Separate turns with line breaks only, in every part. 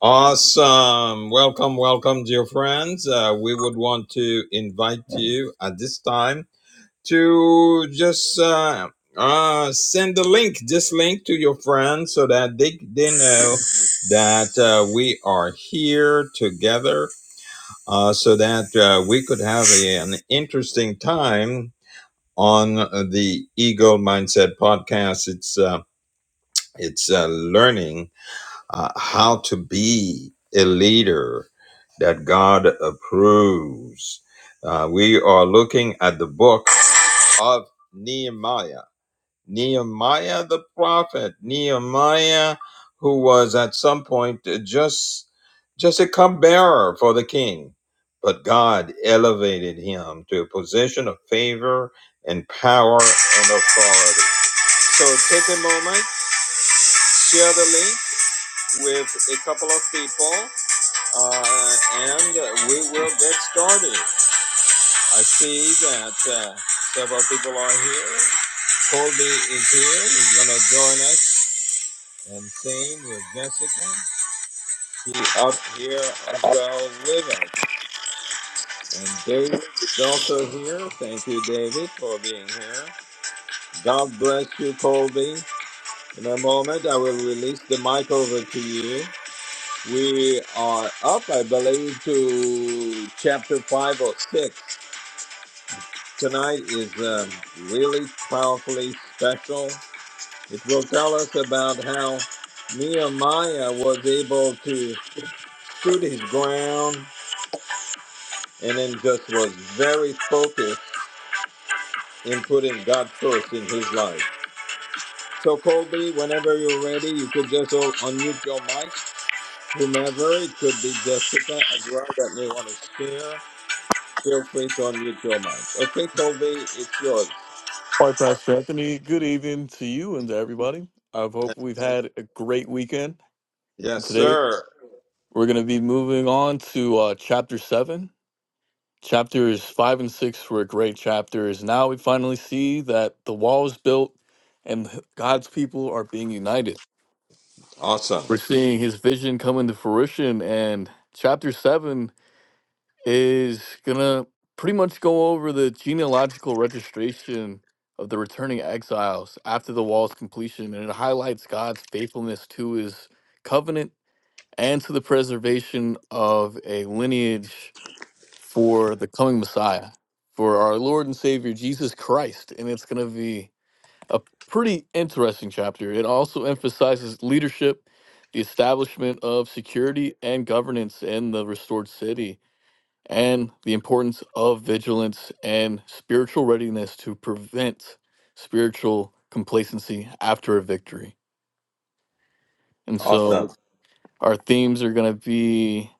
Awesome. Welcome, welcome, dear friends. Uh, we would want to invite you at this time to just uh, uh, send the link, this link to your friends so that they, they know that uh, we are here together uh, so that uh, we could have a- an interesting time on the Eagle Mindset podcast. It's uh, It's uh, learning uh, how to be a leader that God approves. Uh, we are looking at the book of Nehemiah. Nehemiah the prophet, Nehemiah, who was at some point uh, just just a cupbearer for the king, but God elevated him to a position of favor and power and authority. So take a moment, share the link with a couple of people uh, and we will get started. I see that uh, several people are here. Colby is here. He's going to join us and sing with Jessica. She's up here as well with us. And David is also here. Thank you, David, for being here. God bless you, Colby. In a moment, I will release the mic over to you. We are up, I believe, to chapter five or six. Tonight is um, really powerfully special. It will tell us about how Nehemiah was able to stood his ground and then just was very focused in putting God first in his life. So, Colby, whenever you're ready, you could just o- unmute your mic. Whomever, it could be Jessica as well that may want to share. Feel free to unmute your mic. Okay, Toby, it's yours.
All right, Pastor Anthony, good evening to you and to everybody. I hope we've had a great weekend.
Yes,
And today
sir.
we're going to be moving on to uh, chapter seven. Chapters five and six were great chapters. Now we finally see that the wall is built and God's people are being united.
Awesome.
We're seeing his vision come into fruition. And chapter seven is gonna pretty much go over the genealogical registration of the returning exiles after the wall's completion, and it highlights God's faithfulness to his covenant and to the preservation of a lineage for the coming Messiah, for our Lord and Savior Jesus Christ. And it's gonna be a pretty interesting chapter. It also emphasizes leadership, the establishment of security and governance in the restored city and the importance of vigilance and spiritual readiness to prevent spiritual complacency after a victory. And so
Awesome.
Right. our themes are going to be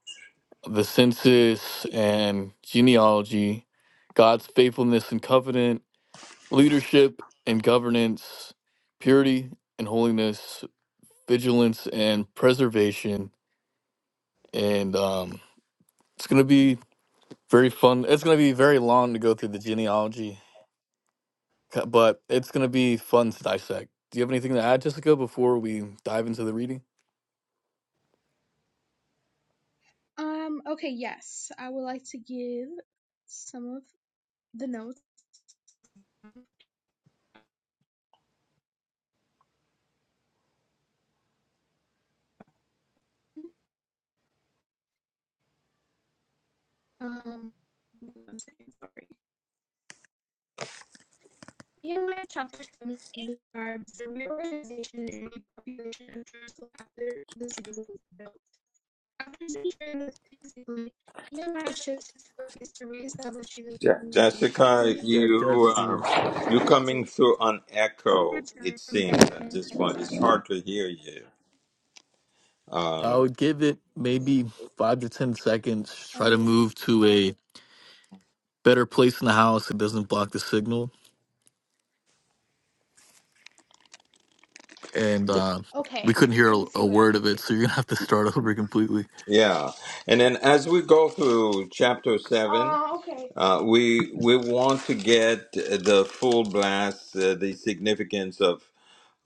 the census and genealogy, God's faithfulness and covenant, leadership and governance, purity and holiness, vigilance and preservation. And um, it's going to be very fun. It's going to be very long to go through the genealogy c- but it's going to be fun to dissect. Do you have anything to add, Jessica, before we dive into the reading?
Um, okay, yes. I would like to give some of the notes. Um, one second, sorry. In my chapter 7 describes the reorganization and repopulation of Jerusalem after the city was built. After securing this peaceably, Nehemiah shifts his focus to reestablishing the
Je-
community by
Jessica,
taking
Yeah,
a
you
just the-
consensus
uh, you coming
to
through on echo,
return
it
from
seems, at
Babylon
this point.
exile.
It's hard to hear you.
I
Um,
would give it maybe five to 10 seconds. Try to
Oh,
move to a better place in the house that doesn't block the signal. And uh, we
okay.
couldn't hear
Let
a,
me see
a
what I
word of
can do.
it, so you're going to have to start over completely.
yeah. And then as we go through chapter seven,
Uh, okay.
uh, we we want to get the full blast, uh, the significance of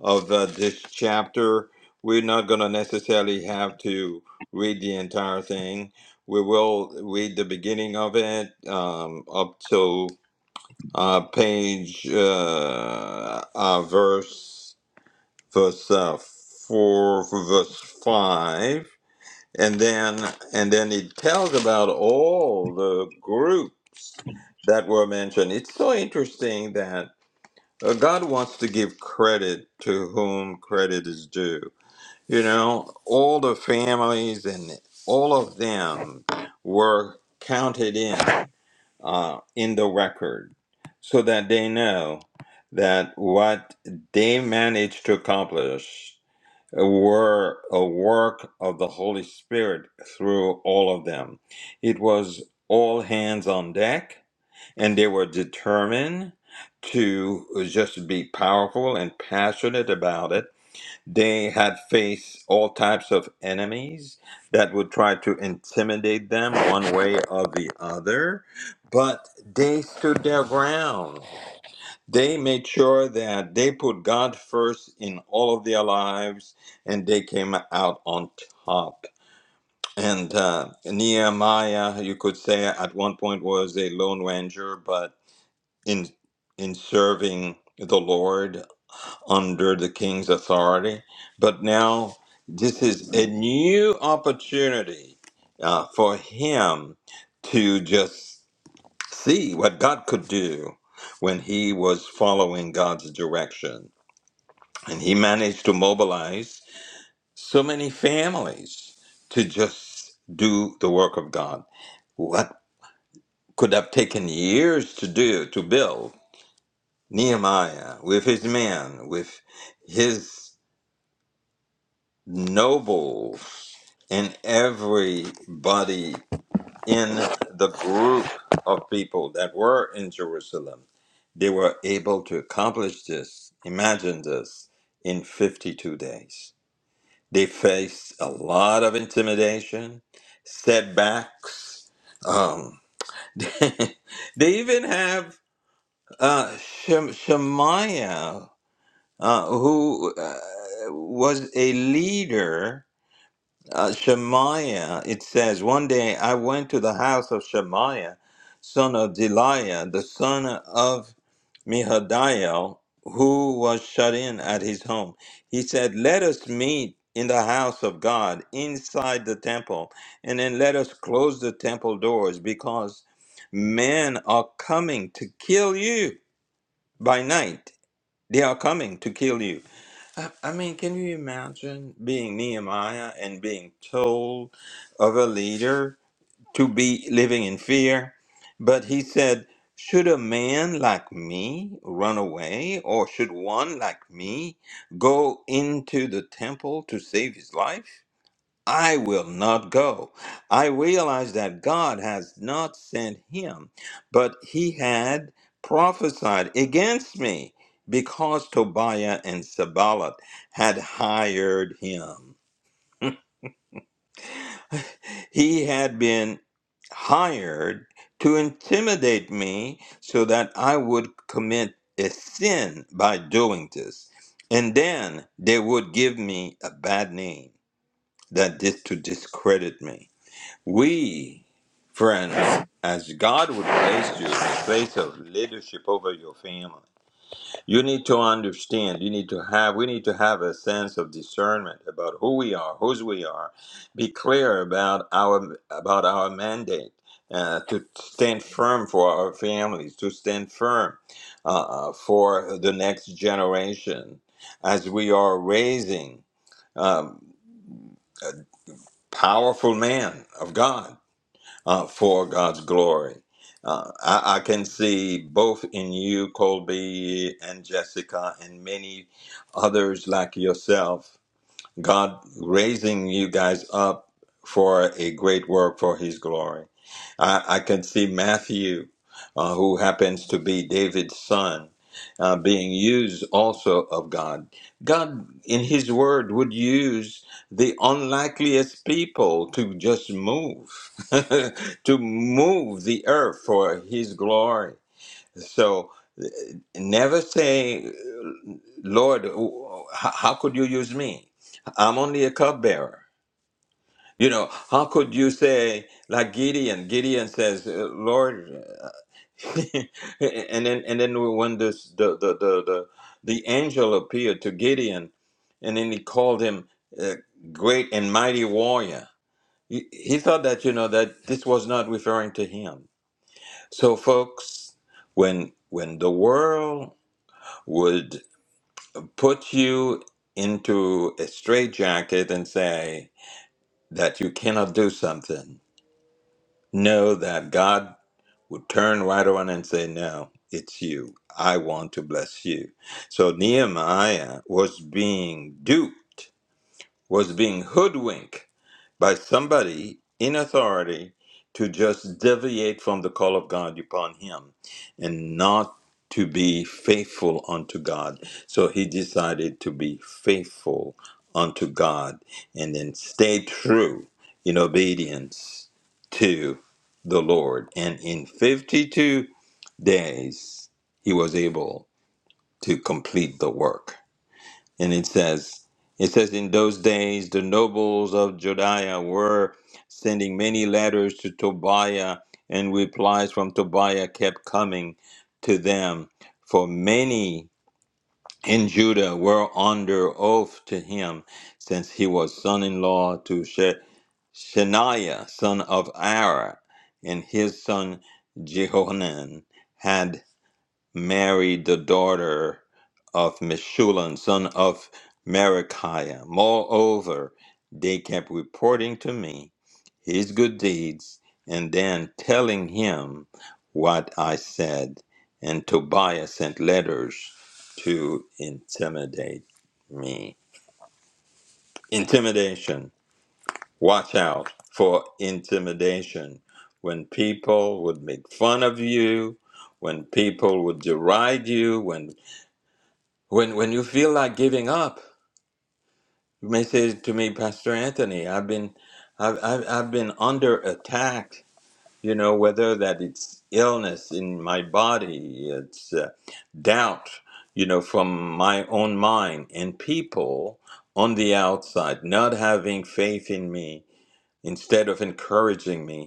of uh, this chapter. We're not going to necessarily have to read the entire thing. We will read the beginning of it um, up to uh, page uh, uh, verse verse uh, four, verse five, and then and then it tells about all the groups that were mentioned. It's so interesting that uh, God wants to give credit to whom credit is due. You know, all the families and all of them were counted in uh, in the record so that they know that what they managed to accomplish were a work of the Holy Spirit through all of them. It was all hands on deck and they were determined to just be powerful and passionate about it. They had faced all types of enemies that would try to intimidate them one way or the other, but they stood their ground. They made sure that they put God first in all of their lives and they came out on top. And uh, Nehemiah, you could say, at one point was a lone ranger, but in in serving the Lord under the king's authority, but now this is a new opportunity uh, for him to just see what God could do when he was following God's direction, and he managed to mobilize so many families to just do the work of God. What could have taken years to do to build Nehemiah with his men, with his nobles, and everybody in the group of people that were in Jerusalem. They were able to accomplish this, imagine this, in 52 days. They faced a lot of intimidation, setbacks. Um, they even have uh, Shem- Shemaiah uh, who uh, was a leader, uh, Shemaiah. It says, One day I went to the house of Shemaiah, son of Deliah, the son of Mehadiel, who was shut in at his home. He said, Let us meet in the house of God, inside the temple, and then let us close the temple doors because men are coming to kill you by night they are coming to kill you. I, I mean, can you imagine being Nehemiah and being told of a leader to be living in fear? But he said, Should a man like me run away, or should one like me go into the temple to save his life? I will not go. I realized that God has not sent him, but he had prophesied against me because Tobiah and Sabalat had hired him. He had been hired to intimidate me so that I would commit a sin by doing this. And then they would give me a bad name that did to discredit me. We, friends, as God would place you in a place of leadership over your family, you need to understand, you need to have, we need to have a sense of discernment about who we are, whose we are, be clear about our, about our mandate. Uh, to stand firm for our families, to stand firm uh, uh, for the next generation as we are raising um, powerful men of God uh, for God's glory. Uh, I, I can see both in you, Colby and Jessica, and many others like yourself God raising you guys up for a great work for His glory. I, I can see Matthew, uh, who happens to be David's son, uh, being used also of God. God, in His Word, would use the unlikeliest people to just move, to move the earth for His glory. So, never say, Lord, how how could you use me? I'm only a cupbearer. You know, how could you say, like Gideon? Gideon says, uh, Lord, uh, and then and then when this the the the the, the angel appeared to Gideon, and then he called him uh, great and mighty warrior. He, he thought that you know that this was not referring to him. So, folks, when when the world would put you into a straitjacket and say that you cannot do something, know that God would turn right around and say, No, it's you. I want to bless you. So Nehemiah was being duped was being hoodwinked by somebody in authority to just deviate from the call of God upon him and not to be faithful unto God. So he decided to be faithful unto God and then stay true in obedience to the Lord. And in 52 days, he was able to complete the work. And it says, it says, in those days the nobles of Judea were sending many letters to Tobiah, and replies from Tobiah kept coming to them. For many in Judah were under oath to him, since he was son in law to She- Shemaiah, son of Ara, and his son Jehohanan had married the daughter of Meshulam, son of Merachiah. Moreover, they kept reporting to me his good deeds and then telling him what I said. And Tobiah sent letters to intimidate me. Intimidation. Watch out for intimidation. When people would make fun of you, when people would deride you, when When when you feel like giving up, you may say to me, Pastor Anthony, I've been I've, I've, I've been under attack, you know, whether that it's illness in my body, it's uh, doubt, you know, from my own mind and people on the outside not having faith in me instead of encouraging me.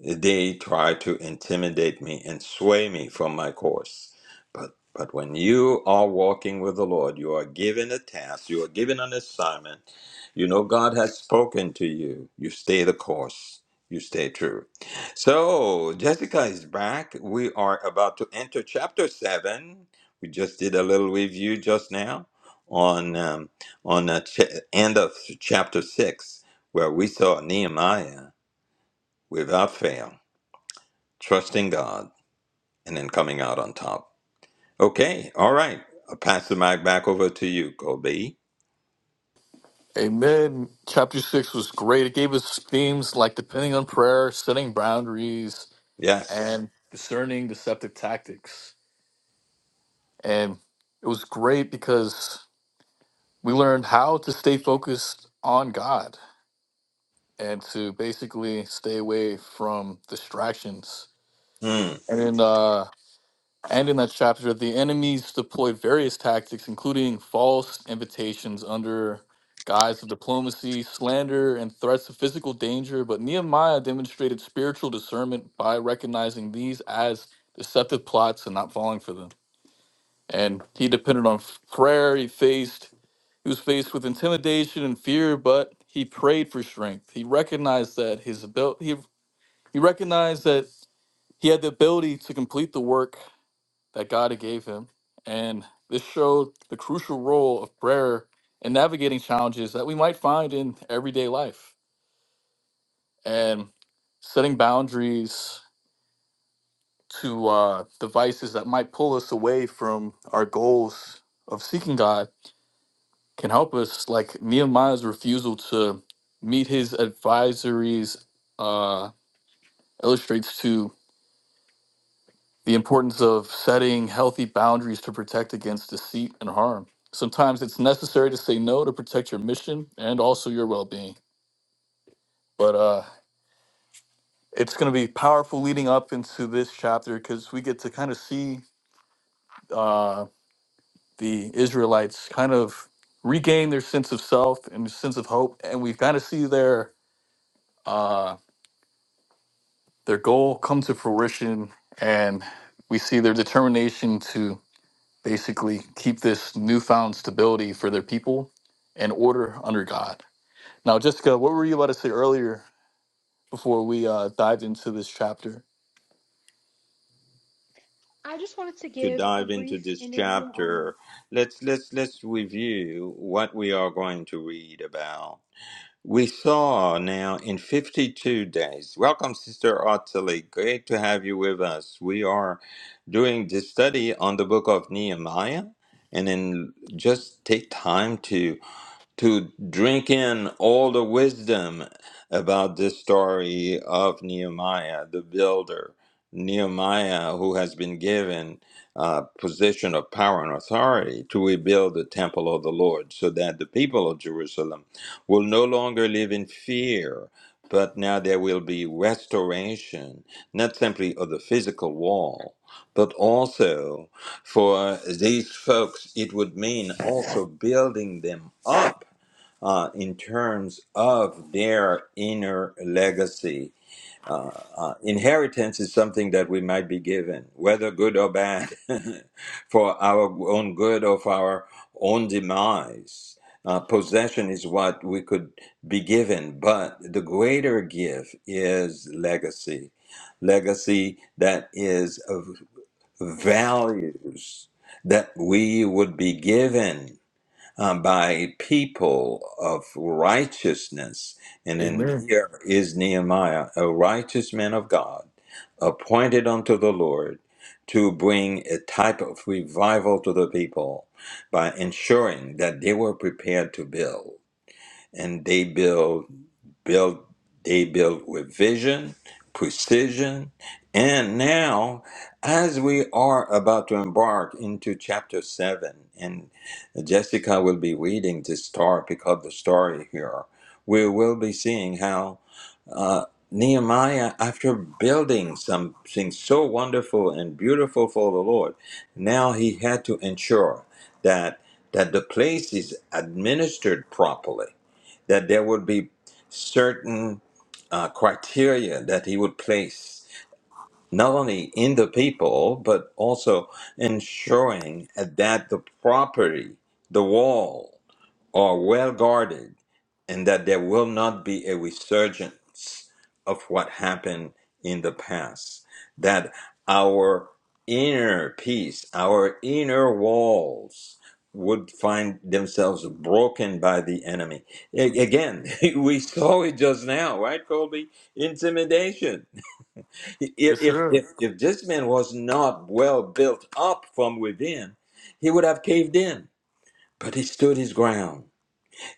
They try to intimidate me and sway me from my course. But but when you are walking with the Lord, you are given a task, you are given an assignment. You know God has spoken to you. You stay the course. You stay true. So Jessica is back. We are about to enter chapter seven. We just did a little review just now on um, on the ch- end of chapter six, where we saw Nehemiah without fail trusting God, and then coming out on top. Okay, all right. I'll pass the mic back over to you, Kobe.
Amen. Chapter six was great. It gave us themes like depending on prayer, setting boundaries,
Yes.
and discerning deceptive tactics. And it was great because we learned how to stay focused on God and to basically stay away from distractions.
Hmm.
And in uh, and in that chapter, the enemies deployed various tactics, including false invitations under guise of diplomacy, slander, and threats of physical danger. But Nehemiah demonstrated spiritual discernment by recognizing these as deceptive plots and not falling for them. and he depended on prayer. He faced he was faced with intimidation and fear, but he prayed for strength. He recognized that his ability he, he recognized that he had the ability to complete the work that God gave him, and this showed the crucial role of prayer in navigating challenges that we might find in everyday life and setting boundaries to uh, devices that might pull us away from our goals of seeking God can help us. Like Nehemiah's refusal to meet his advisories uh, illustrates to the importance of setting healthy boundaries to protect against deceit and harm. Sometimes it's necessary to say no to protect your mission and also your well being. But uh, it's going to be powerful leading up into this chapter because we get to kind of see uh, the Israelites kind of regain their sense of self and sense of hope. And we kind of see their. Uh, their goal come to fruition and we see their determination to basically keep this newfound stability for their people and order under God. Now, Jessica, what were you about to say earlier before we uh, dived into this chapter?
I just wanted to
To
give a
dive into
brief
this
interview on
chapter, let's let's let's review what we are going to read about. We saw now in 52 days. Welcome, Sister Ottilie. Great to have you with us. We are doing this study on the book of Nehemiah, and then just take time to to drink in all the wisdom about this story of Nehemiah, the builder, Nehemiah, who has been given a position of power and authority to rebuild the temple of the Lord so that the people of Jerusalem will no longer live in fear. But now there will be restoration, not simply of the physical wall, but also for these folks, it would mean also building them up uh, in terms of their inner legacy. Uh, inheritance is something that we might be given, whether good or bad, for our own good or for our own demise. Uh, possession is what we could be given, but the greater gift is legacy. Legacy that is of values that we would be given um, by people of righteousness. And then
Amen.
here is Nehemiah, a righteous man of God, appointed unto the Lord to bring a type of revival to the people by ensuring that they were prepared to build. And they build built they built with vision precision and now as we are about to embark into chapter 7 and jessica will be reading this story pick up the story here we will be seeing how uh, nehemiah after building something so wonderful and beautiful for the lord now he had to ensure that that the place is administered properly that there would be certain uh, criteria that he would place not only in the people but also ensuring that the property the wall are well guarded and that there will not be a resurgence of what happened in the past. That our inner peace, our inner walls would find themselves broken by the enemy. A- Again, we saw it just now, right, Colby? Intimidation. I-
Yes,
If,
sir.
if, if this man was not well built up from within, he would have caved in, but he stood his ground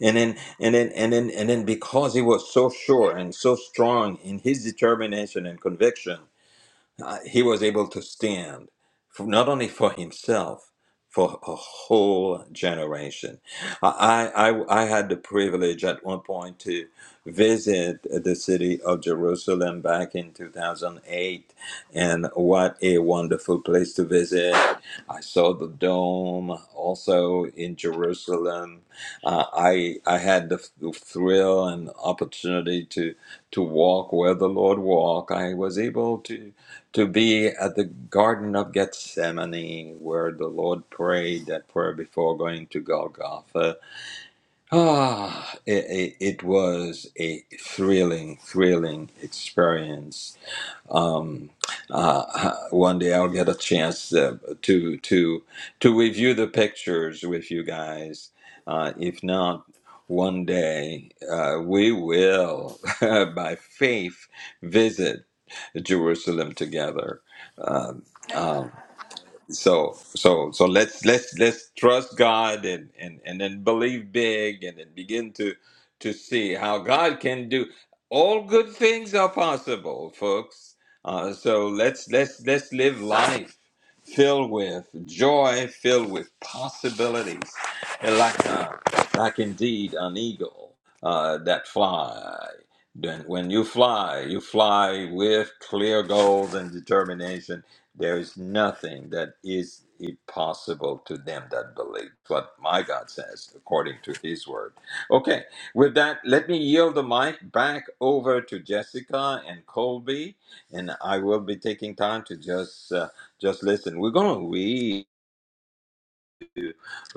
and then and then and then and then because he was so sure and so strong in his determination and conviction uh, he was able to stand for, not only for himself for a whole generation I, I i had the privilege at one point to visit the city of jerusalem back in 2008 and what a wonderful place to visit i saw the dome also in jerusalem uh, i i had the, the thrill and opportunity to to walk where the lord walked i was able to to be at the Garden of Gethsemane where the Lord prayed that prayer before going to Golgotha. Ah, it, it, it was a thrilling, thrilling experience um, uh, one day I'll get a chance uh, to to to review the pictures with you guys. Uh, if not, one day uh, we will, by faith, visit Jerusalem together. Um, um, so so so let's let's let's trust god and and and then believe big and then begin to to see how god can do all good things are possible folks uh, so let's let's let's live life filled with joy filled with possibilities and like uh, like indeed an eagle uh, that fly then when you fly you fly with clear goals and determination there is nothing that is impossible to them that believe what my God says according to his word. Okay, with that, let me yield the mic back over to Jessica and Colby, and I will be taking time to just uh, just listen. We're going to read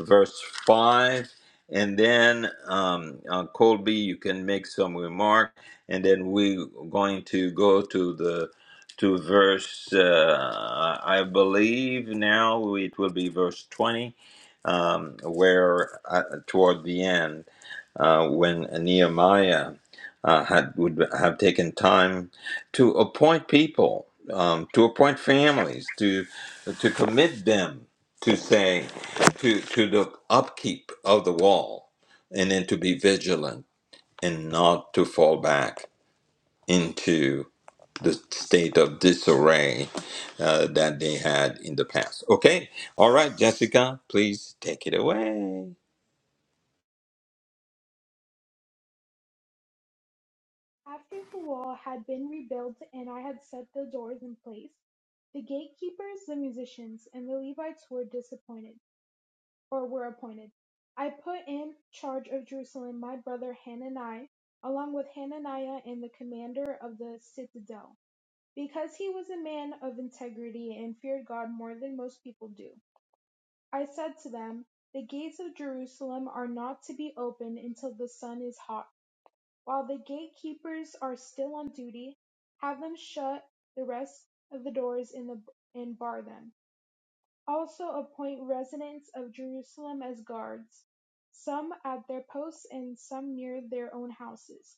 verse 5. And then, um, uh, Colby, you can make some remark. And then we're going to go to the to verse, uh, I believe now it will be verse 20, um, where uh, toward the end, uh, when Nehemiah uh, had would have taken time to appoint people, um, to appoint families, to to commit them to say to to the upkeep of the wall and then to be vigilant and not to fall back into the state of disarray uh, that they had in the past okay all right jessica please take it away
after the wall had been rebuilt and I had set the doors in place. The gatekeepers, the musicians, and the Levites were disappointed or were appointed. I put in charge of Jerusalem my brother Hanani, along with Hananiah and the commander of the citadel, because he was a man of integrity and feared God more than most people do. I said to them, The gates of Jerusalem are not to be opened until the sun is hot While the gatekeepers are still on duty, have them shut the rest of the doors in the, and bar them. Also appoint residents of Jerusalem as guards, some at their posts and some near their own houses.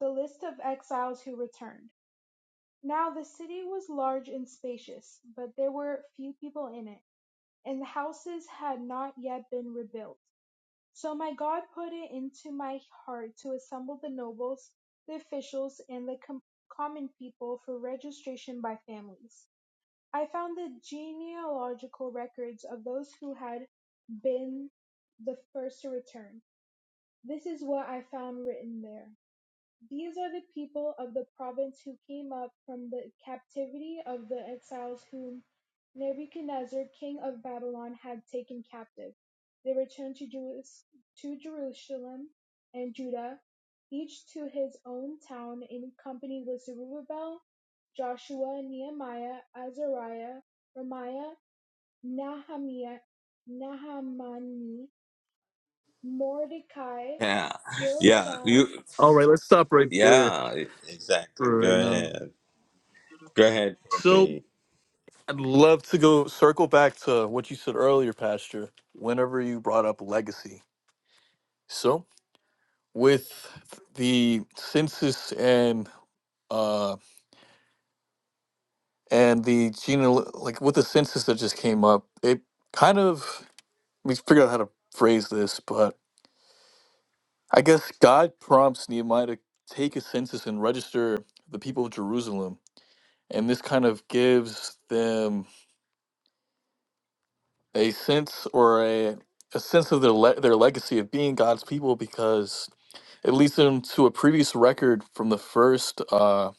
The list of exiles who returned. Now the city was large and spacious, but there were few people in it, and the houses had not yet been rebuilt. So my God put it into my heart to assemble the nobles, the officials, and the com- common people for registration by families. I found the genealogical records of those who had been the first to return. This is what I found written there. These are the people of the province who came up from the captivity of the exiles whom Nebuchadnezzar, king of Babylon, had taken captive. They returned to, Jerus- to Jerusalem and Judah, each to his own town, in company with Zerubbabel, Joshua, Nehemiah, Azariah, Ramiah, Nahamiah, Nahamani, Mordecai,
yeah yeah
Bilshan,
you
All right, let's stop right there
yeah e- exactly
for right
go
now.
ahead go ahead
So,
Ruby.
I'd love to go circle back to what you said earlier, Pastor, whenever you brought up legacy. So, with the census and uh, and the geneal like with the census that just came up, it kind of we me figure out how to phrase this, but I guess God prompts Nehemiah to take a census and register the people of Jerusalem, and this kind of gives them a sense or a a sense of their le- their legacy of being God's people because it leads them to a previous record from the first uh,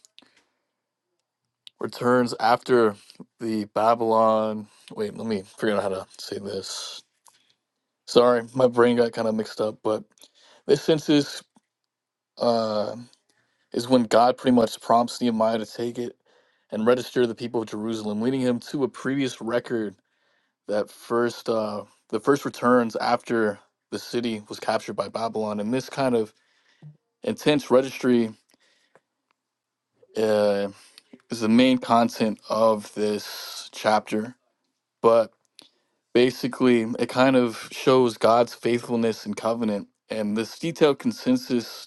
returns after the Babylon. Wait, let me figure out how to say this Sorry, my brain got kind of mixed up, but this census uh, is when God pretty much prompts Nehemiah to take it and register the people of Jerusalem, leading him to a previous record that first uh, the first returns after the city was captured by Babylon. And this kind of intense registry uh, is the main content of this chapter. But basically, it kind of shows God's faithfulness and covenant. And this detailed consensus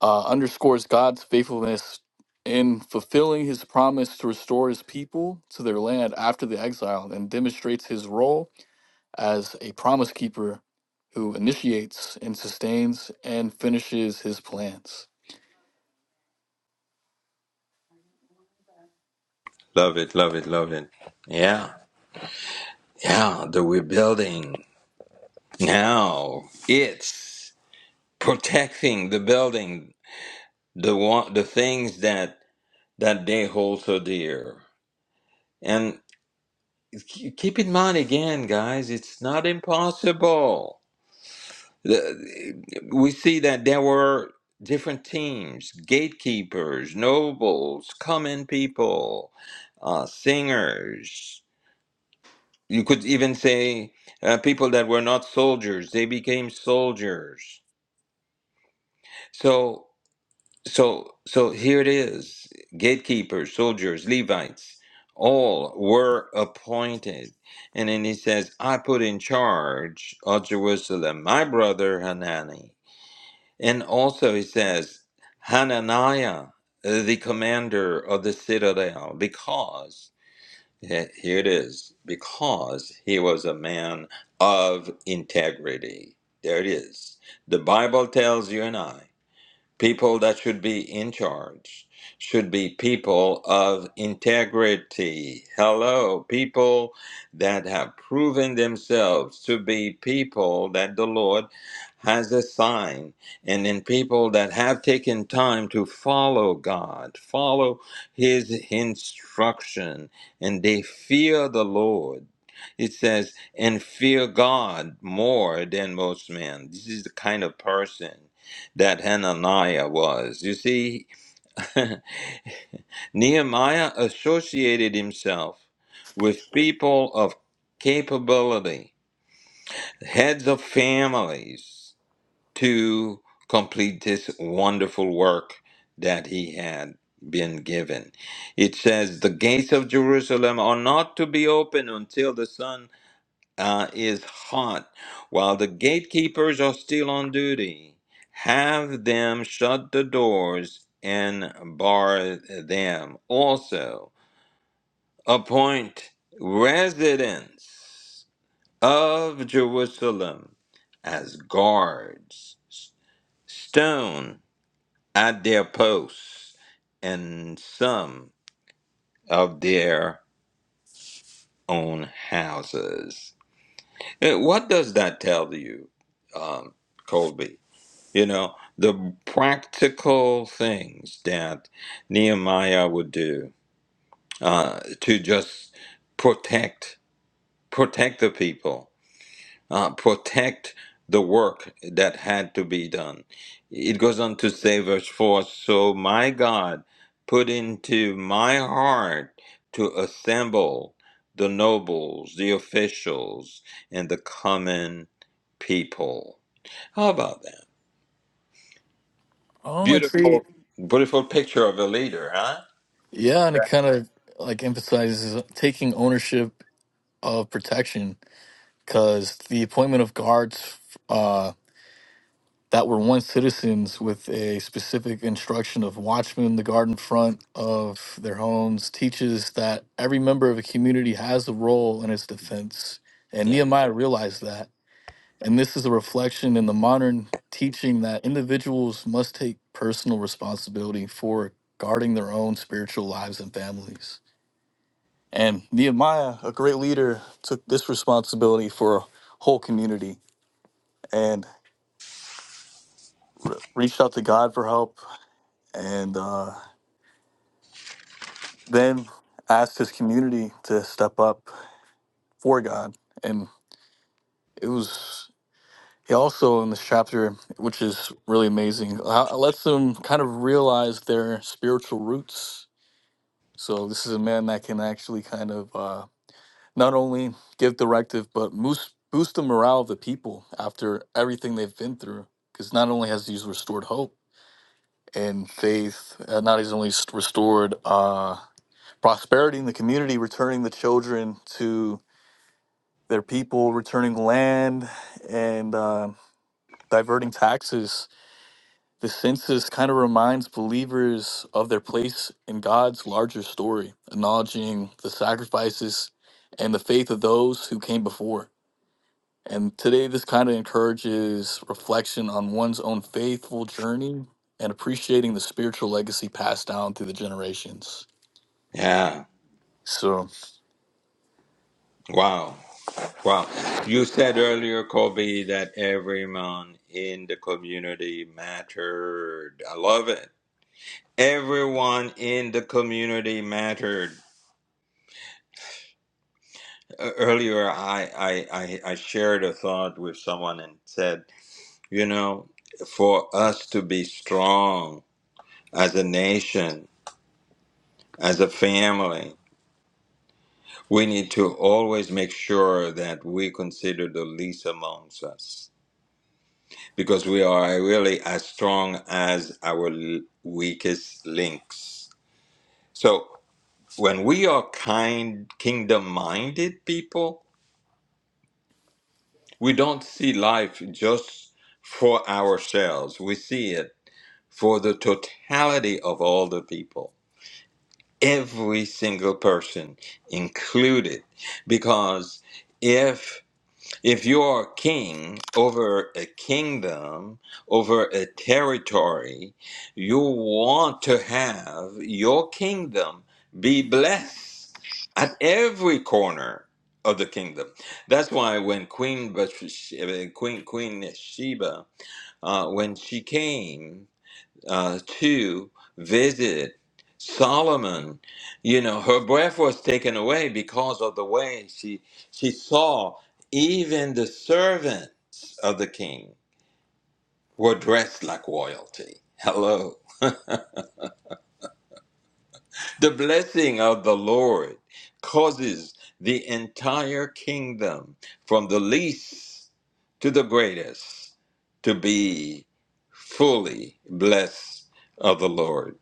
uh, underscores God's faithfulness in fulfilling his promise to restore his people to their land after the exile and demonstrates his role as a promise keeper who initiates and sustains and finishes his plans.
love it love it love it yeah yeah the rebuilding now it's protecting the building the one, the things that that they hold so dear. And ke- keep in mind again, guys, it's not impossible. The- We see that there were different teams: gatekeepers, nobles, common people, uh, singers. You could even say uh, people that were not soldiers; they became soldiers. So. So, so here it is. Gatekeepers, soldiers, Levites, all were appointed. And then he says, I put in charge of Jerusalem my brother Hanani. And also he says, Hananiah, uh, the commander of the citadel, because, he- here it is, because he was a man of integrity. There it is. The Bible tells you and I. People that should be in charge should be people of integrity. Hello, people that have proven themselves to be people that the Lord has assigned, and then people that have taken time to follow God, follow His instruction, and they fear the Lord. It says, and fear God more than most men. This is the kind of person that Hananiah was. You see, Nehemiah associated himself with people of capability, heads of families, to complete this wonderful work that he had been given. It says, The gates of Jerusalem are not to be open until the sun uh, is hot while the gatekeepers are still on duty. Have them shut the doors and bar them. Also, appoint residents of Jerusalem as guards, stone at their posts, and some of their own houses. Eh, What does that tell you, um, Colby? You know, the practical things that Nehemiah would do uh, to just protect protect the people, uh, protect the work that had to be done. It goes on to say, verse 4 So my God put into my heart to assemble the nobles, the officials, and the common people. How about that?
Um, I'd say,
Beautiful, beautiful picture of a leader, huh?
yeah, and it kind of like emphasizes taking ownership of protection because the appointment of guards that were once citizens with a specific instruction of watchmen the garden front of their homes teaches that every member of a community has a role in its defense and
Yeah.
nehemiah realized that and this is a reflection in the modern teaching that individuals must take personal responsibility for guarding their own spiritual lives and families and nehemiah a great leader took this responsibility for a whole community and re- reached out to god for help and uh, then asked his community to step up for God. And it was he also in this chapter, which is really amazing, uh, lets them kind of realize their spiritual roots. So this is a man that can actually kind of uh, not only give directive, but boost boost the morale of the people after everything they've been through. Because not only has he restored hope and faith, uh, not only restored uh, prosperity in the community, returning the children to Their people returning land and uh, diverting taxes. The census kind of reminds believers of their place in God's larger story, acknowledging the sacrifices and the faith of those who came before. And today, this kind of encourages reflection on one's own faithful journey and appreciating the spiritual legacy passed down through the generations.
Yeah.
So,
Wow. Wow. You said earlier, Kobe, that everyone in the community mattered. I love it. Everyone in the community mattered. E- Earlier, I, I, I, I shared a thought with someone and said, you know, for us to be strong as a nation, as a family. We need to always make sure that we consider the least amongst us because we are really as strong as our l- weakest links. So when we are kind, kingdom minded people, we don't see life just for ourselves. We see it for the totality of all the people, every single person included. Because if If you're a king over a kingdom, over a territory, you want to have your kingdom be blessed at every corner of the kingdom. That's why when Queen Bathsh- Queen Queen Sheba, uh, when she came uh, to visit Solomon. You know, her breath was taken away because of the way she she saw even the servants of the king were dressed like royalty. Hello. The blessing of the Lord causes the entire kingdom from the least to the greatest to be fully blessed of the Lord.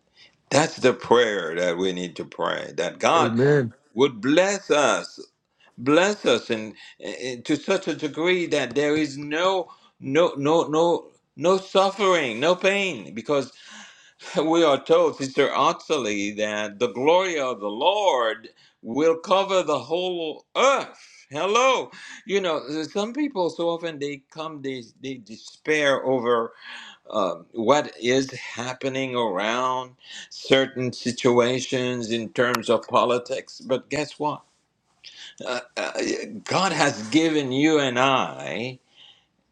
That's the prayer that we need to pray that God
Amen.
would bless us, bless us in, in- to such a degree that there is no no no no no suffering, no pain because we are told Sister Ottilie that the glory of the Lord will cover the whole earth. Hello. You know, some people so often they come they they despair over uh, what is happening around certain situations in terms of politics. But guess what? Uh, uh, God has given you and I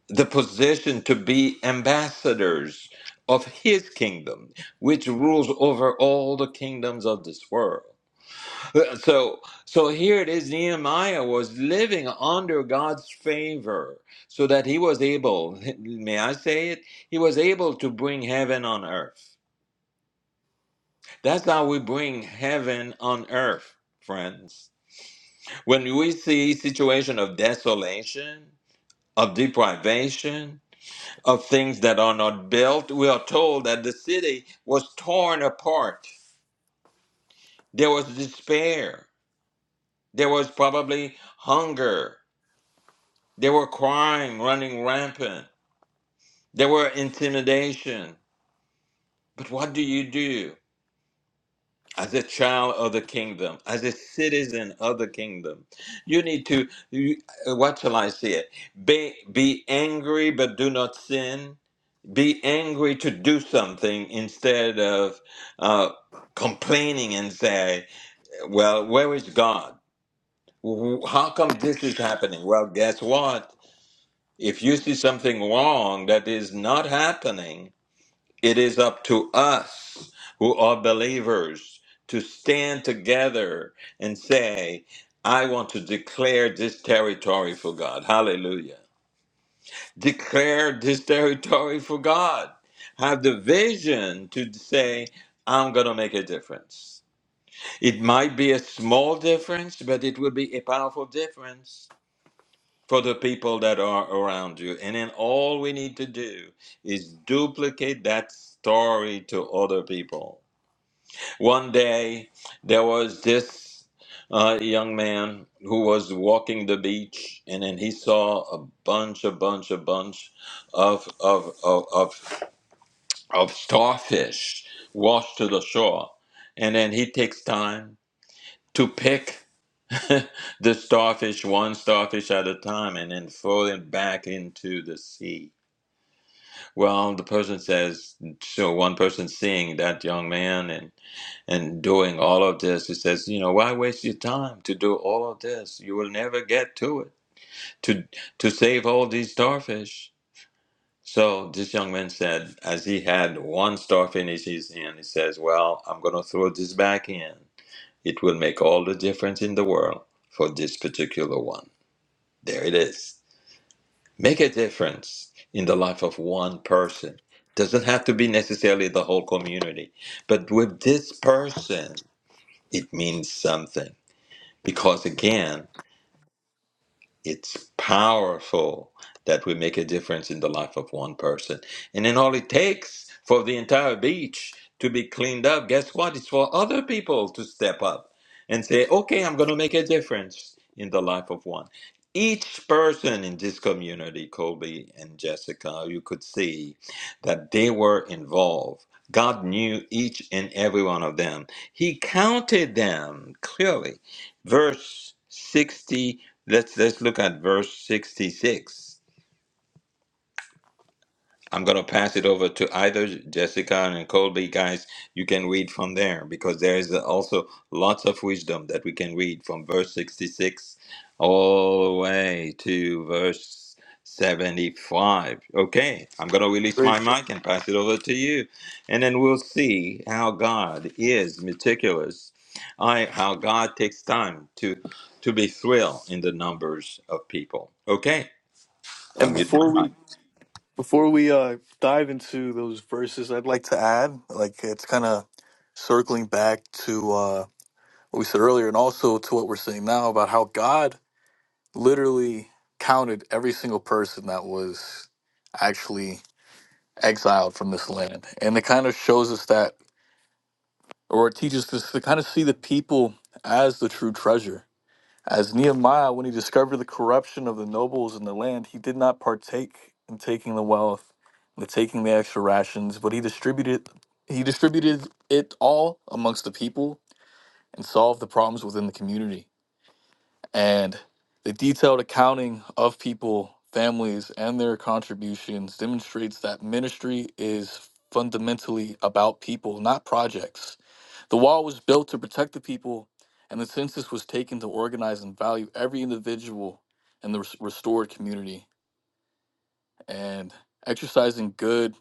the position to be ambassadors of His kingdom, which rules over all the kingdoms of this world. So, so here it is. Nehemiah was living under God's favor, so that he was able. May I say it? He was able to bring heaven on earth. That's how we bring heaven on earth, friends. When we see situation of desolation, of deprivation, of things that are not built, we are told that the city was torn apart. There was despair. There was probably hunger There were crime running rampant. There were intimidation. But what do you do as a child of the kingdom, as a citizen of the kingdom? You need to, you, uh, what shall I say it? Be, be angry, but do not sin. Be angry to do something instead of uh, complaining and say, well, where is God? Wh- How come this is happening? Well, guess what? If you see something wrong that is not happening, It is up to us who are believers to stand together and say, I want to declare this territory for God. Hallelujah. Declare this territory for God. Have the vision to say, I'm going to make a difference. It might be a small difference, but it will be a powerful difference for the people that are around you. And then all we need to do is duplicate that story to other people. One day, there was this uh, young man who was walking the beach, and then he saw a bunch, a bunch, a bunch of, of, of, of, of starfish washed to the shore. And then he takes time to pick. the starfish, one starfish at a time, and then floating back into the sea. Well, the person says, so one person seeing that young man and, and doing all of this, he says, you know, why waste your time to do all of this? You will never get to it, to, to save all these starfish. So this young man said, as he had one starfish in his hand, he says, well, I'm going to throw this back in. It will make all the difference in the world for this particular one. There it is. Make a difference in the life of one person. Doesn't have to be necessarily the whole community, but with this person, it means something. Because again, it's powerful that we make a difference in the life of one person. And then all it takes for the entire beach to be cleaned up, guess what? It's for other people to step up and say, okay, I'm going to make a difference in the life of one. Each person in this community, Colby and Jessica, you could see that they were involved. God knew each and every one of them. He counted them clearly. Verse 60 Let's let's look at verse 66. I'm going to pass it over to either Jessica and Colby guys. You can read from there because there is also lots of wisdom that we can read from verse 66 all the way to verse 75. Okay, I'm going to release
Great.
my mic and pass it over to you. And then we'll see how God is meticulous. I how God takes time to to be thrilled in the numbers of people. Okay.
and
I'm muting
before
my
we
mic.
Before we uh, dive into those verses, I'd like to add, like it's kind of circling back to uh, what we said earlier, and also to what we're saying now about how God literally counted every single person that was actually exiled from this land, and it kind of shows us that, or it teaches us to kind of see the people as the true treasure as Nehemiah, when he discovered the corruption of the nobles in the land, he did not partake in taking the wealth, the taking the extra rations, but he distributed he distributed it all amongst the people and solved the problems within the community. And the detailed accounting of people, families, and their contributions demonstrates that ministry is fundamentally about people, not projects. The wall was built to protect the people, and the census was taken to organize and value every individual in the res- restored community. And exercising good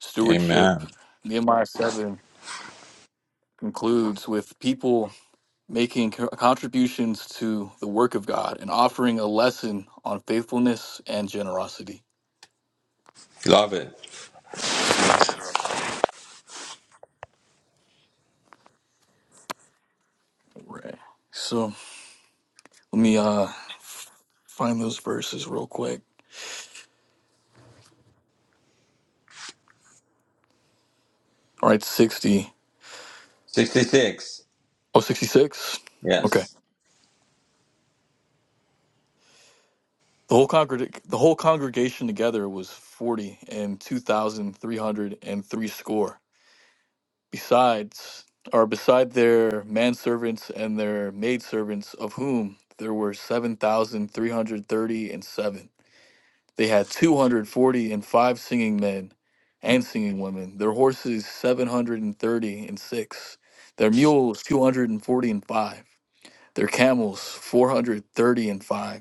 stewardship,
Amen.
Nehemiah 7 concludes with people making co- contributions to the work of God and offering a lesson on faithfulness and generosity.
Love it.
So, right. so let me uh, find those verses real quick. All right, 60.
66.
Oh, 66. Okay.
Yes.
The whole congreg- the whole congregation together was forty and two thousand three hundred and three score. Besides, or beside their manservants and their maidservants, of whom there were seven thousand three hundred thirty and seven. They had two hundred forty and five singing men and singing women. Their horses seven hundred and thirty and six. Their mules two hundred and forty and five. Their camels four hundred thirty and five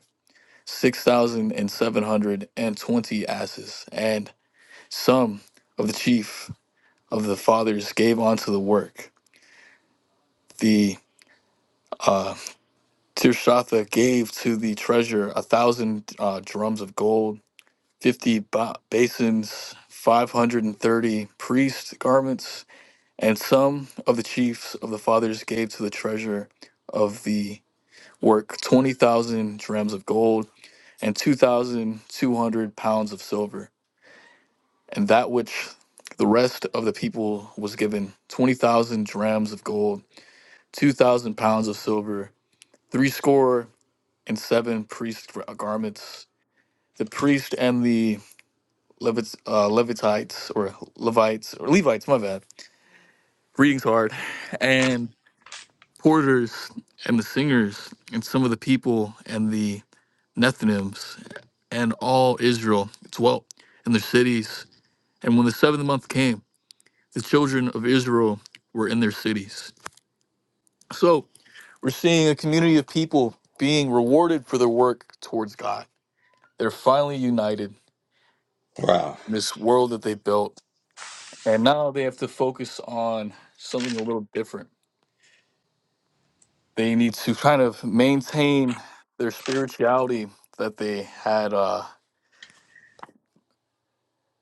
6,720 asses, and some of the chief of the fathers gave unto the work. The uh, Tirshatha gave to the treasure a thousand uh, drums of gold, 50 ba- basins, 530 priest garments, and some of the chiefs of the fathers gave to the treasure of the work 20,000 drams of gold and 2,200 pounds of silver And that which the rest of the people was given 20,000 drams of gold, 2,000 pounds of silver, threescore and seven priest garments. The priest and the Levit- uh, Levitites, or Levites, or Levites, my bad, reading's hard, and porters and the singers, and some of the people and the Nethinims, and all Israel dwelt in their cities. And when the seventh month came, The children of Israel were in their cities. So we're seeing a community of people being rewarded for their work towards God. They're finally united
Wow.
in this world that they built. And now they have to focus on something a little different. They need to kind of maintain their spirituality that they had uh,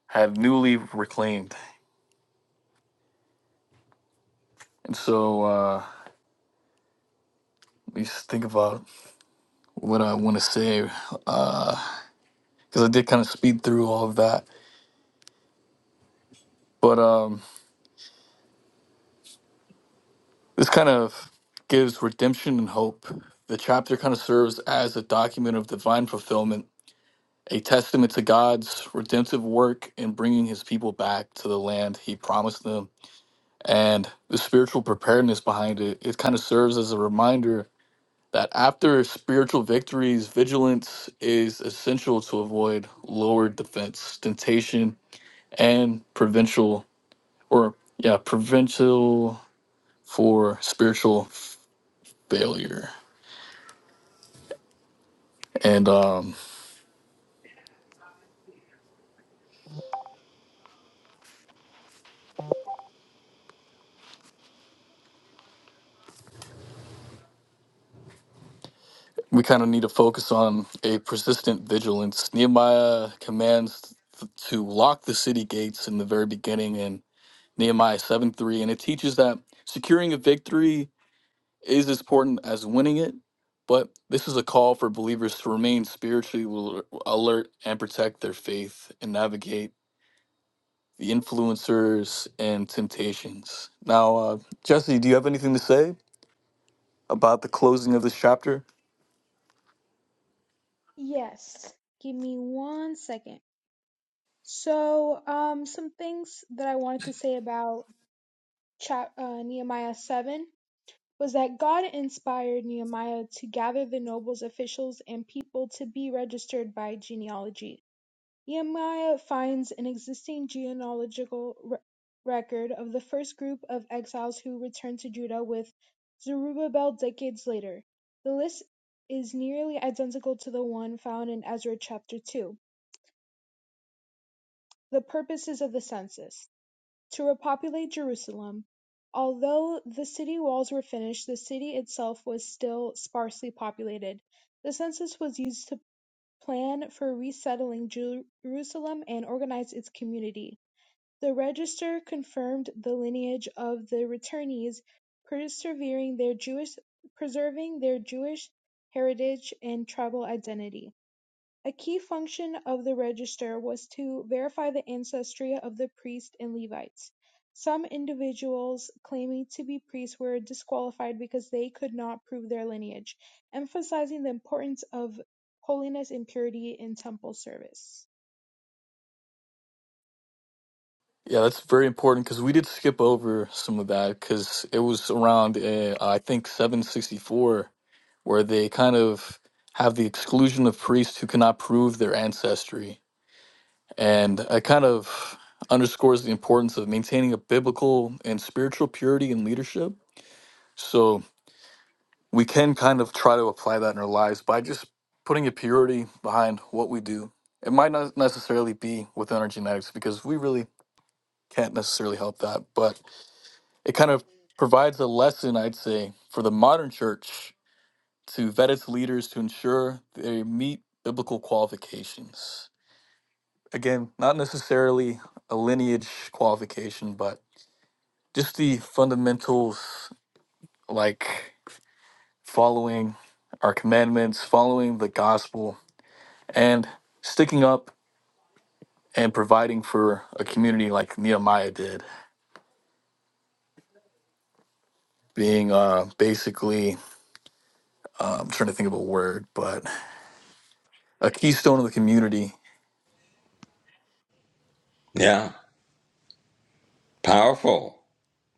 had newly reclaimed. And so uh, let me just think about what I want to say because uh, I did kind of speed through all of that. But um, This kind of gives redemption and hope. The chapter kind of serves as a document of divine fulfillment, a testament to God's redemptive work in bringing his people back to the land he promised them. And the spiritual preparedness behind it, it kind of serves as a reminder that after spiritual victories, vigilance is essential to avoid lower defense, temptation, and provincial or yeah, provincial for spiritual failure. And um, we kind of need to focus on a persistent vigilance. Nehemiah commands th- to lock the city gates in the very beginning in Nehemiah 7 3. And it teaches that securing a victory is as important as winning it. But this is a call for believers to remain spiritually al- alert and protect their faith and navigate the influencers and temptations. Now, uh, Jesse, do you have anything to say about the closing of this chapter?
Yes. Give me one second. So, um, some things that I wanted to say about chap- uh, Nehemiah 7 was that God inspired Nehemiah to gather the nobles, officials, and people to be registered by genealogy. Nehemiah finds an existing genealogical re- record of the first group of exiles who returned to Judah with Zerubbabel decades later. The list is nearly identical to the one found in Ezra chapter 2. The purposes of the census: to repopulate Jerusalem; although the city walls were finished the city itself was still sparsely populated. The census was used to plan for resettling Jerusalem and organize its community. The register confirmed the lineage of the returnees, persevering their Jewish, preserving their Jewish heritage and tribal identity. A key function of the register was to verify the ancestry of the priests and Levites. Some individuals claiming to be priests were disqualified because they could not prove their lineage, emphasizing the importance of holiness and purity in temple service.
Yeah, that's very important because we did skip over some of that because it was around, uh, I think, 764, where they kind of have the exclusion of priests who cannot prove their ancestry. And it kind of underscores the importance of maintaining a biblical and spiritual purity in leadership. So we can kind of try to apply that in our lives by just putting a purity behind what we do. It might not necessarily be within our genetics because we really can't necessarily help that, but it kind of provides a lesson, I'd say, for the modern church to vet its leaders to ensure they meet biblical qualifications. Again, not necessarily a lineage qualification, but just the fundamentals like following our commandments, following the gospel, and sticking up and providing for a community like Nehemiah did, being uh, basically, uh, I'm trying to think of a word, but a keystone of the community
Yeah. Powerful.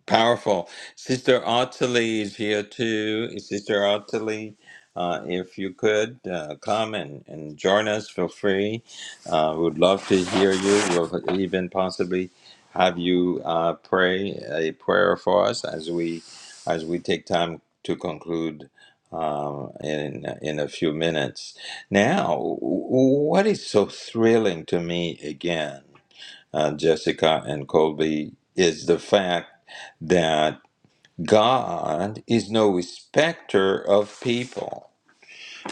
Powerful. Sister Ottilie is here too. Sister Ottilie, uh, if you could uh, come and, and join us, feel free. Uh, we'd love to hear you. We'll even possibly have you uh, pray a prayer for us as we as we take time to conclude um, in in a few minutes. Now, w- what is so thrilling to me again? uh, Jessica and Colby, is the fact that God is no respecter of people.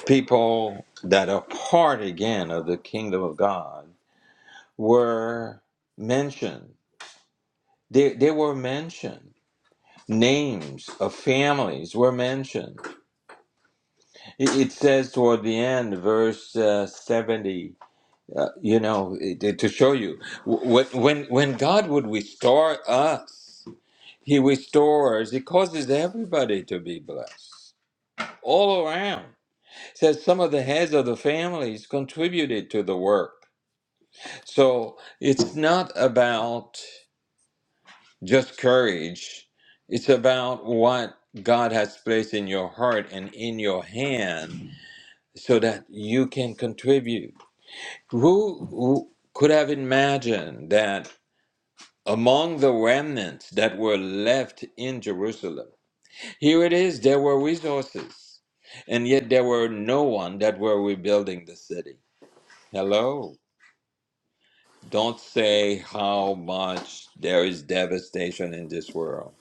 People that are part again of the kingdom of God were mentioned. They, they were mentioned. Names of families were mentioned. It, it says toward the end, verse uh, 70, uh, you know, it, it- to show you, wh- when when God would restore us, He restores, he causes everybody to be blessed all around. It Says some of the heads of the families contributed to the work. So it's not about just courage, it's about what God has placed in your heart and in your hand so that you can contribute. Who, who could have imagined that among the remnants that were left in Jerusalem, Here it is there were resources, and yet there were no one that were rebuilding the city. Hello. Don't say how much there is devastation in this world.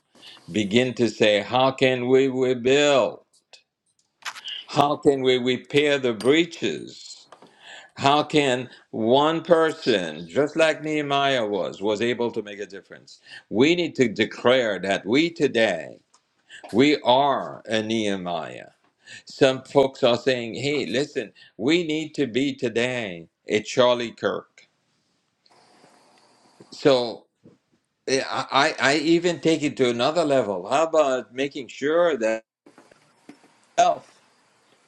Begin to say, how can we rebuild? How can we repair the breaches? How can one person, just like Nehemiah was, was able to make a difference? We need to declare that we today, we are a Nehemiah. Some folks are saying, hey, listen, we need to be today a Charlie Kirk. So eh, I, I I even take it to another level. How about making sure that self,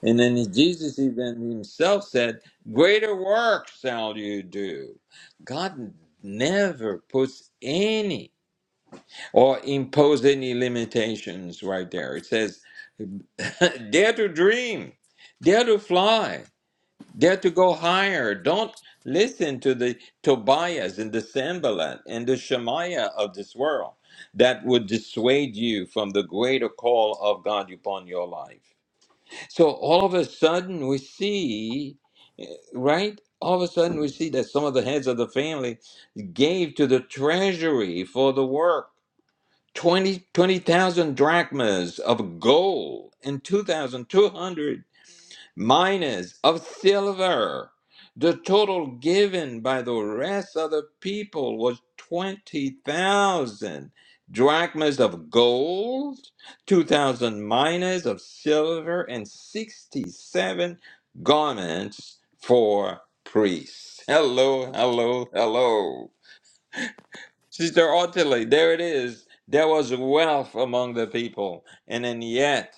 and then Jesus even himself said, greater works shall you do. God never puts any or impose any limitations right there. It says, dare to dream, dare to fly, Dare to go higher. Don't listen to the Tobias and the Sanballat and the Shemaiah of this world that would dissuade you from the greater call of God upon your life. So all of a sudden we see, right? All of a sudden we see that some of the heads of the family gave to the treasury for the work 20 20,000 drachmas of gold and 2,200 Miners of silver. The total given by the rest of the people was 20,000 drachmas of gold, 2,000 minas of silver, and 67 garments for priests. Hello, hello, hello. Sister Ottilie, there it is. There was wealth among the people, and then yet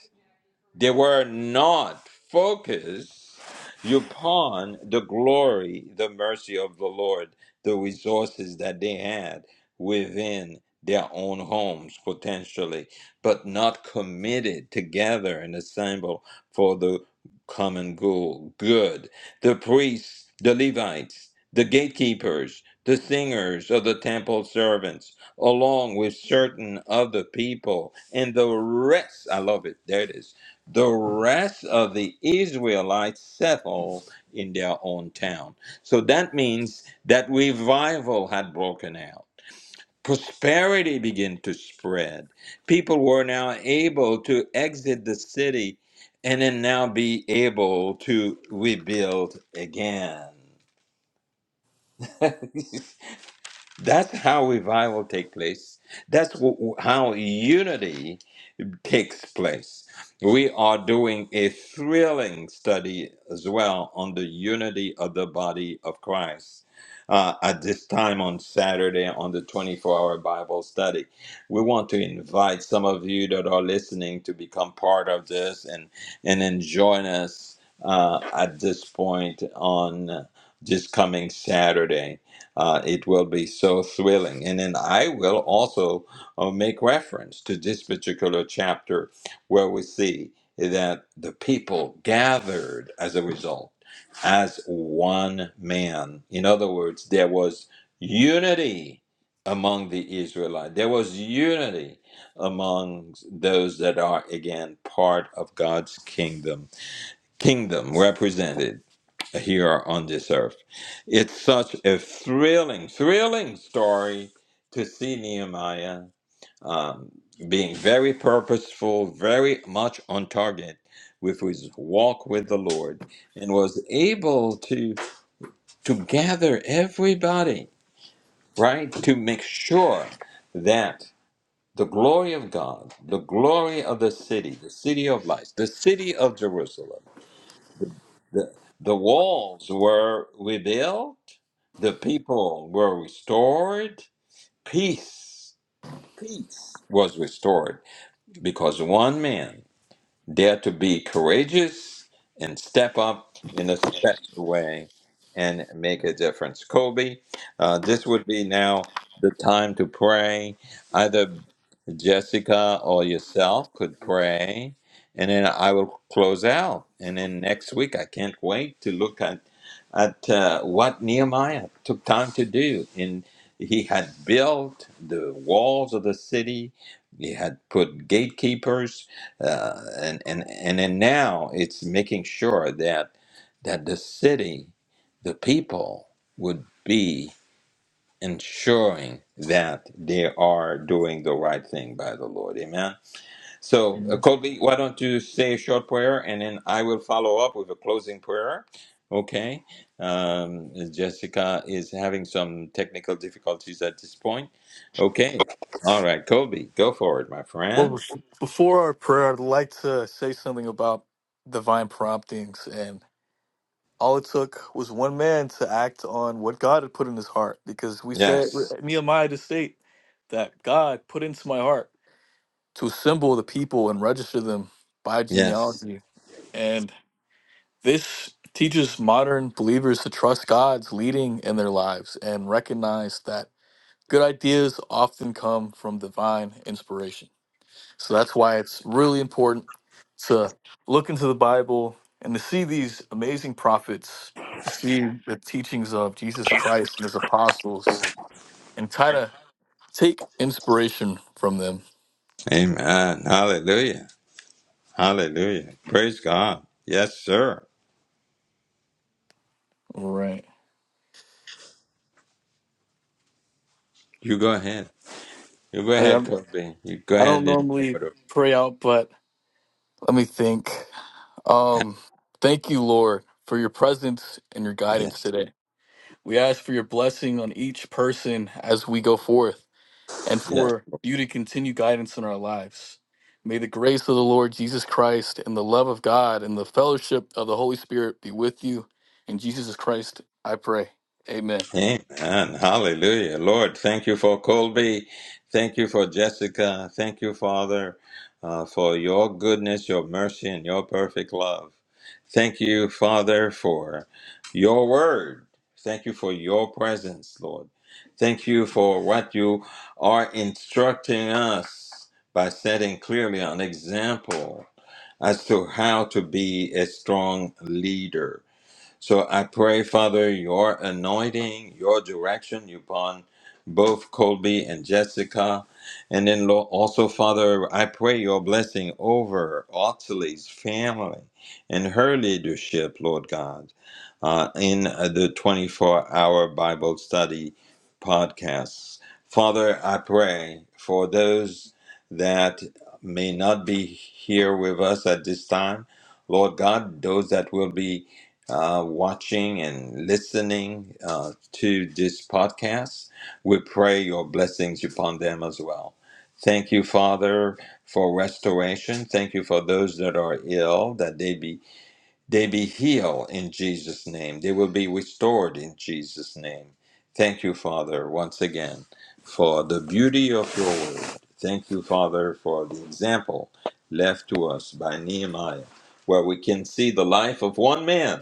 they were not focused upon the glory, the mercy of the Lord, the resources that they had within their own homes potentially, but not committed together and assemble for the common goal. Good. The priests, the Levites, the gatekeepers, the singers of the temple servants, along with certain other people, and the rest. I love it. There it is the rest of the Israelites settled in their own town. So that means that revival had broken out. Prosperity began to spread. People were now able to exit the city and then now be able to rebuild again. That's how revival take place. That's wh- how unity takes place. We are doing a thrilling study as well on the unity of the body of Christ. Uh, at this time on Saturday, on the 24 hour Bible study, we want to invite some of you that are listening to become part of this and, and then join us uh, at this point on this coming Saturday. Uh, it will be so thrilling. And then I will also uh, make reference to this particular chapter where we see that the people gathered as a result as one man. In other words, there was unity among the Israelites, there was unity among those that are again part of God's kingdom, kingdom represented here on this earth. It's such a thrilling, thrilling story to see Nehemiah um, being very purposeful, very much on target with his walk with the Lord, and was able to to gather everybody right to make sure that the glory of God, the glory of the city, the city of lights, the city of Jerusalem, the the walls were rebuilt, the people were restored, peace, peace was restored because one man Dare to be courageous and step up in a special way and make a difference. Kobe, uh, this would be now the time to pray. Either Jessica or yourself could pray, and then I will close out. And then next week, I can't wait to look at at uh, what Nehemiah took time to do. And he had built the walls of the city. He had put gatekeepers uh, and and and then now it's making sure that that the city, the people would be ensuring that they are doing the right thing by the Lord. Amen. So, uh,
Amen.
Colby, why don't you say a short prayer, and then I will follow up with a closing prayer. Okay. Um, Jessica is having some technical difficulties at this point. Okay. All right, Colby, go for it, my
Well,
friend.
bef- before our prayer, I'd like to say something about divine promptings. And all it took was one man to act on what God had put in his heart. Because we said,
Yes.
Nehemiah to state that God put into my heart to assemble the people and register them by
Yes.
genealogy. And this teaches modern believers to trust God's leading in their lives and recognize that good ideas often come from divine inspiration. So that's why it's really important to look into the Bible and to see these amazing prophets, to see the teachings of Jesus Christ and his apostles, and kind of take inspiration from them.
Amen. Hallelujah. Hallelujah. Praise God. Yes, sir.
Right.
You go ahead. You go
I,
ahead,
I'm-
Kobe. You go
I don't
ahead and
normally pray out, but let me think. Um, thank you, Lord, for your presence and your guidance
Yes.
today. We ask for your blessing on each person as we go forth. and
Yes.
for you to continue guidance in our lives. May the grace of the Lord Jesus Christ and the love of God and the fellowship of the Holy Spirit be with you. In Jesus Christ, I pray. Amen.
Amen. Hallelujah. Lord, thank you for Colby. Thank you for Jessica. Thank you, Father, uh, for your goodness, your mercy, and your perfect love. Thank you, Father, for your word. Thank you for your presence, Lord. Thank you for what you are instructing us by setting clearly an example as to how to be a strong leader. So I pray, Father, your anointing, your direction upon both Colby and Jessica. And then, Lord, also, Father, I pray your blessing over Ottilie's family and her leadership, Lord God, uh, in uh, the 24 hour Bible study podcasts. Father, I pray for those that may not be here with us at this time. Lord God, those that will be uh, watching and listening uh, to this podcast. We pray your blessings upon them as well. Thank you, Father, for restoration. Thank you for those that are ill, that they be they be healed in Jesus' name. They will be restored in Jesus' name. Thank you, Father, once again for the beauty of your word. Thank you, Father, for the example left to us by Nehemiah, where we can see the life of one man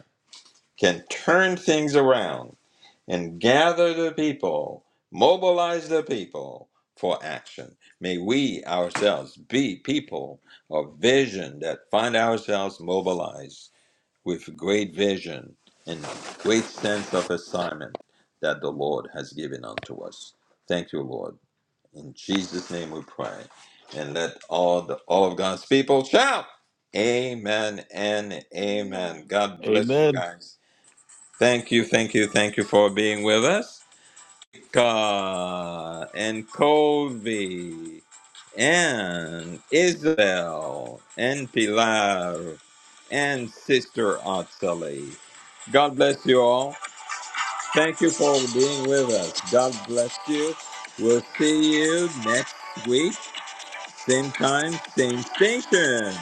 can turn things around and gather the people, mobilize the people for action. May we ourselves be people of vision that find ourselves mobilized with great vision and great sense of assignment that the Lord has given unto us. Thank you, Lord. In Jesus' name we pray. And let all the all of God's people shout. Amen and
Amen.
amen. God bless you
Amen.
guys. Thank you, thank you, thank you for being with us. Ka and Colby and Isabel and Pilar and Sister Otsali. God bless you all. Thank you for being with us. God bless you. We'll see you next week, same time, same station.